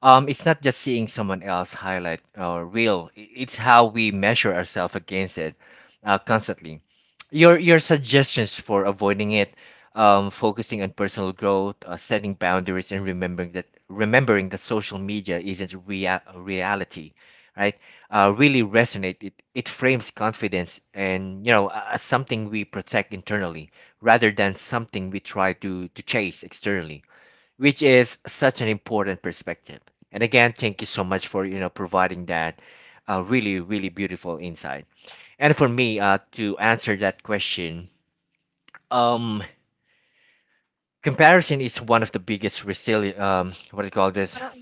Speaker 1: Um, it's not just seeing someone else highlight or real. i- It's how we measure ourselves against it uh, constantly. Your your suggestions for avoiding it, um, focusing on personal growth, uh, setting boundaries, and remembering that remembering that social media isn't rea- reality, right? Uh, really resonate. It it frames confidence and you know a- as something we protect internally rather than something we try to, to chase externally, which is such an important perspective. And again, thank you so much for you know providing that uh, really really beautiful insight. And for me, uh, to answer that question, um, comparison is one of the biggest resili- um, what do you call this
Speaker 2: Parang,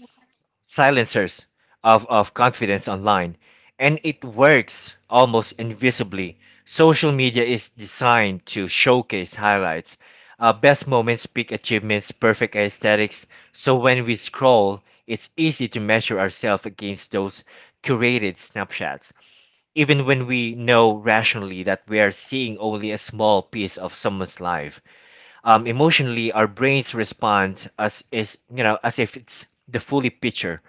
Speaker 1: silencers of, of confidence online. And it works almost invisibly. Social media is designed to showcase highlights, uh, best moments, peak achievements, perfect aesthetics. So when we scroll, it's easy to measure ourselves against those curated snapshots, even when we know rationally that we are seeing only a small piece of someone's life. Um, emotionally, our brains respond as is you know as if it's the fully picture.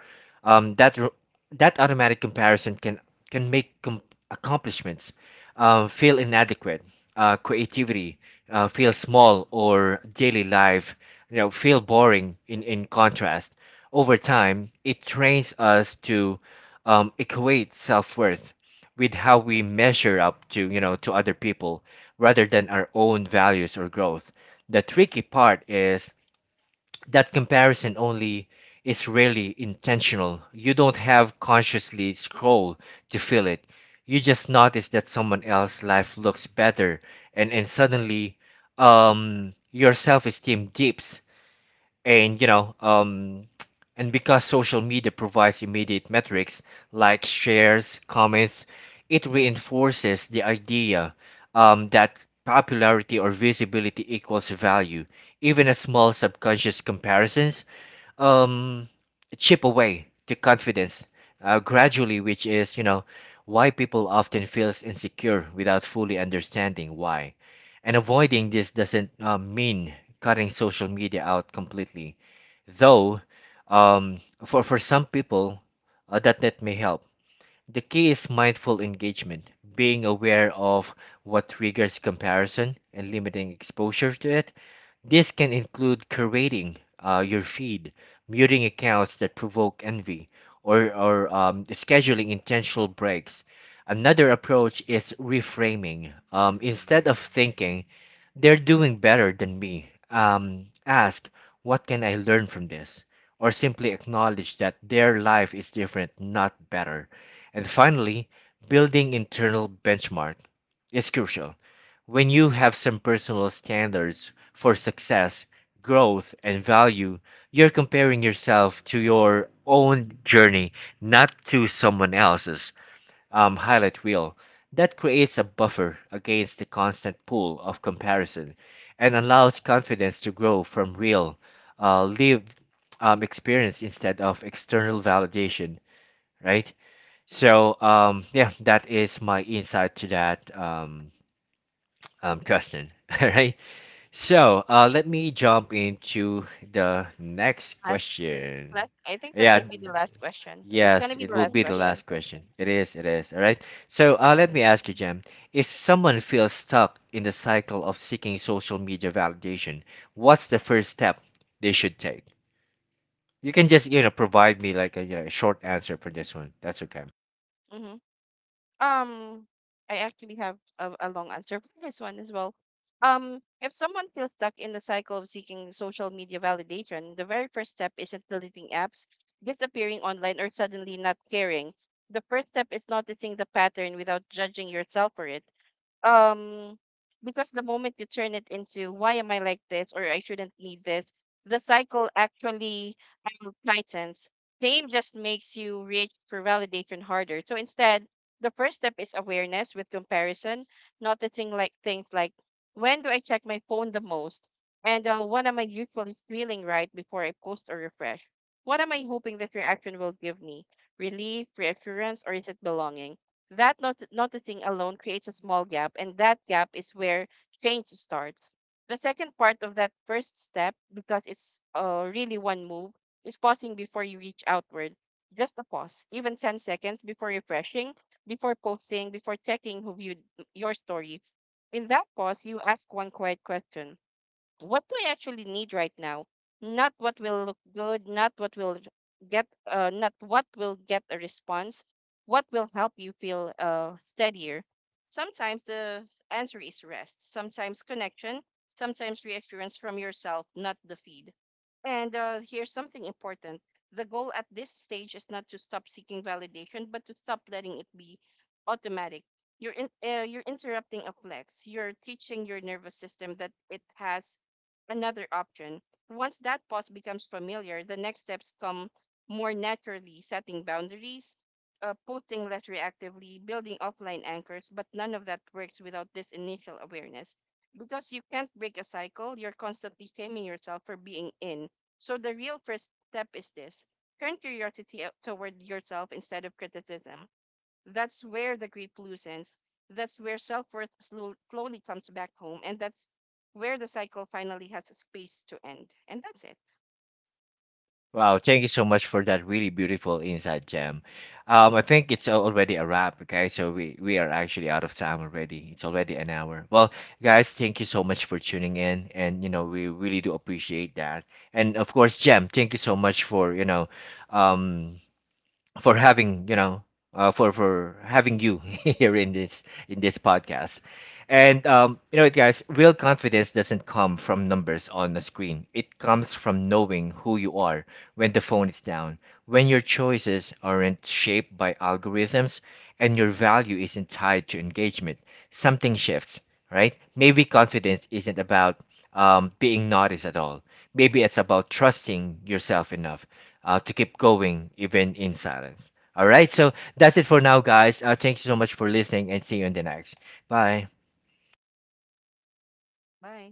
Speaker 1: um, that r- that automatic comparison can can make com- accomplishments uh, feel inadequate, uh, creativity uh, feel small, or daily life you know feel boring in in contrast. Over time it trains us to um, equate self-worth with how we measure up to you know to other people rather than our own values or growth. The tricky part is that comparison only is rarely intentional. You don't have consciously scroll to feel it. You just notice that someone else's life looks better, and, and suddenly um your self-esteem dips. And you know um and because social media provides immediate metrics like shares, comments, it reinforces the idea, um, that popularity or visibility equals value. Even a small subconscious comparisons um, chip away the confidence uh, gradually, which is you know why people often feels insecure without fully understanding why. And avoiding this doesn't uh, mean cutting social media out completely. Though, um, for, for some people, uh, that net may help. The key is mindful engagement, being aware of what triggers comparison and limiting exposure to it. This can include curating uh, your feed, muting accounts that provoke envy, or, or um, scheduling intentional breaks. Another approach is reframing. Um, instead of thinking, they're doing better than me, um, ask, what can I learn from this? Or simply acknowledge that their life is different, not better. And finally, building internal benchmark is crucial. When you have some personal standards for success, growth, and value, you're comparing yourself to your own journey, not to someone else's um, highlight reel. That creates a buffer against the constant pull of comparison and allows confidence to grow from real, uh, lived um, experience instead of external validation, right? So, um, yeah, that is my insight to that um, um, question. All right. So uh, let me jump into the next
Speaker 2: Last,
Speaker 1: question.
Speaker 2: last. I think that
Speaker 1: Yeah,
Speaker 2: would be the last question. That's
Speaker 1: yes,
Speaker 2: gonna be
Speaker 1: it
Speaker 2: the
Speaker 1: will
Speaker 2: last
Speaker 1: be the
Speaker 2: question.
Speaker 1: last question. It is, it is. All right. So uh, let me ask you, Jem, if someone feels stuck in the cycle of seeking social media validation, what's the first step they should take? You can just, you know, provide me like a, you know, short answer for this one. That's okay.
Speaker 2: Mm-hmm. Mm-hmm. Um, I actually have a, a long answer for this one as well. Um, if someone feels stuck in the cycle of seeking social media validation, the very first step isn't deleting apps, disappearing online, or suddenly not caring. The first step is noticing the pattern without judging yourself for it. um because the moment you turn it into why am I like this or I shouldn't need this, the cycle actually um, tightens. Shame just makes you reach for validation harder. So instead, the first step is awareness with comparison, noticing like things like when do I check my phone the most, and uh, what am I usually feeling right before I post or refresh. What am I hoping this reaction will give me? Relief, reassurance, or is it belonging? That not- noticing alone creates a small gap, and that gap is where change starts. The second part of that first step, because it's uh, really one move, is pausing before you reach outward. Just a pause, even ten seconds before refreshing, before posting, before checking who viewed your story. In that pause, you ask one quiet question: what do I actually need right now? Not what will look good, not what will get, uh, not what will get a response, what will help you feel uh, steadier. Sometimes the answer is rest, sometimes connection, sometimes reassurance from yourself, not the feed. And uh, Here's something important. The goal at this stage is not to stop seeking validation, but to stop letting it be automatic. You're in, uh, you're interrupting a flex. You're teaching your nervous system that it has another option. Once that pause becomes familiar, the next steps come more naturally: setting boundaries, uh, posting less reactively, building offline anchors, but none of that works without this initial awareness. Because you can't break a cycle you're constantly shaming yourself for being in. So the real first step is this: turn curiosity out toward yourself instead of criticism. That's where the grip loosens. That's where self worth slowly comes back home. And that's where the cycle finally has a space to end. And that's it.
Speaker 1: Wow, thank you so much for that really beautiful insight, Jam. Um, I think it's al- already a wrap, okay? So we, we are actually out of time already. It's already an hour. Well, guys, thank you so much for tuning in and you know, we really do appreciate that. And of course, Jam, thank you so much for, you know, um for having you know uh, for for having you here in this in this podcast. And um, you know, guys, real confidence doesn't come from numbers on the screen. It comes from knowing who you are when the phone is down, when your choices aren't shaped by algorithms and your value isn't tied to engagement, something shifts, right? Maybe confidence isn't about um, being noticed at all. Maybe it's about trusting yourself enough uh, to keep going even in silence. All right, so that's it for now, guys. Uh, thank you so much for listening and see you in the next. Bye.
Speaker 2: Bye.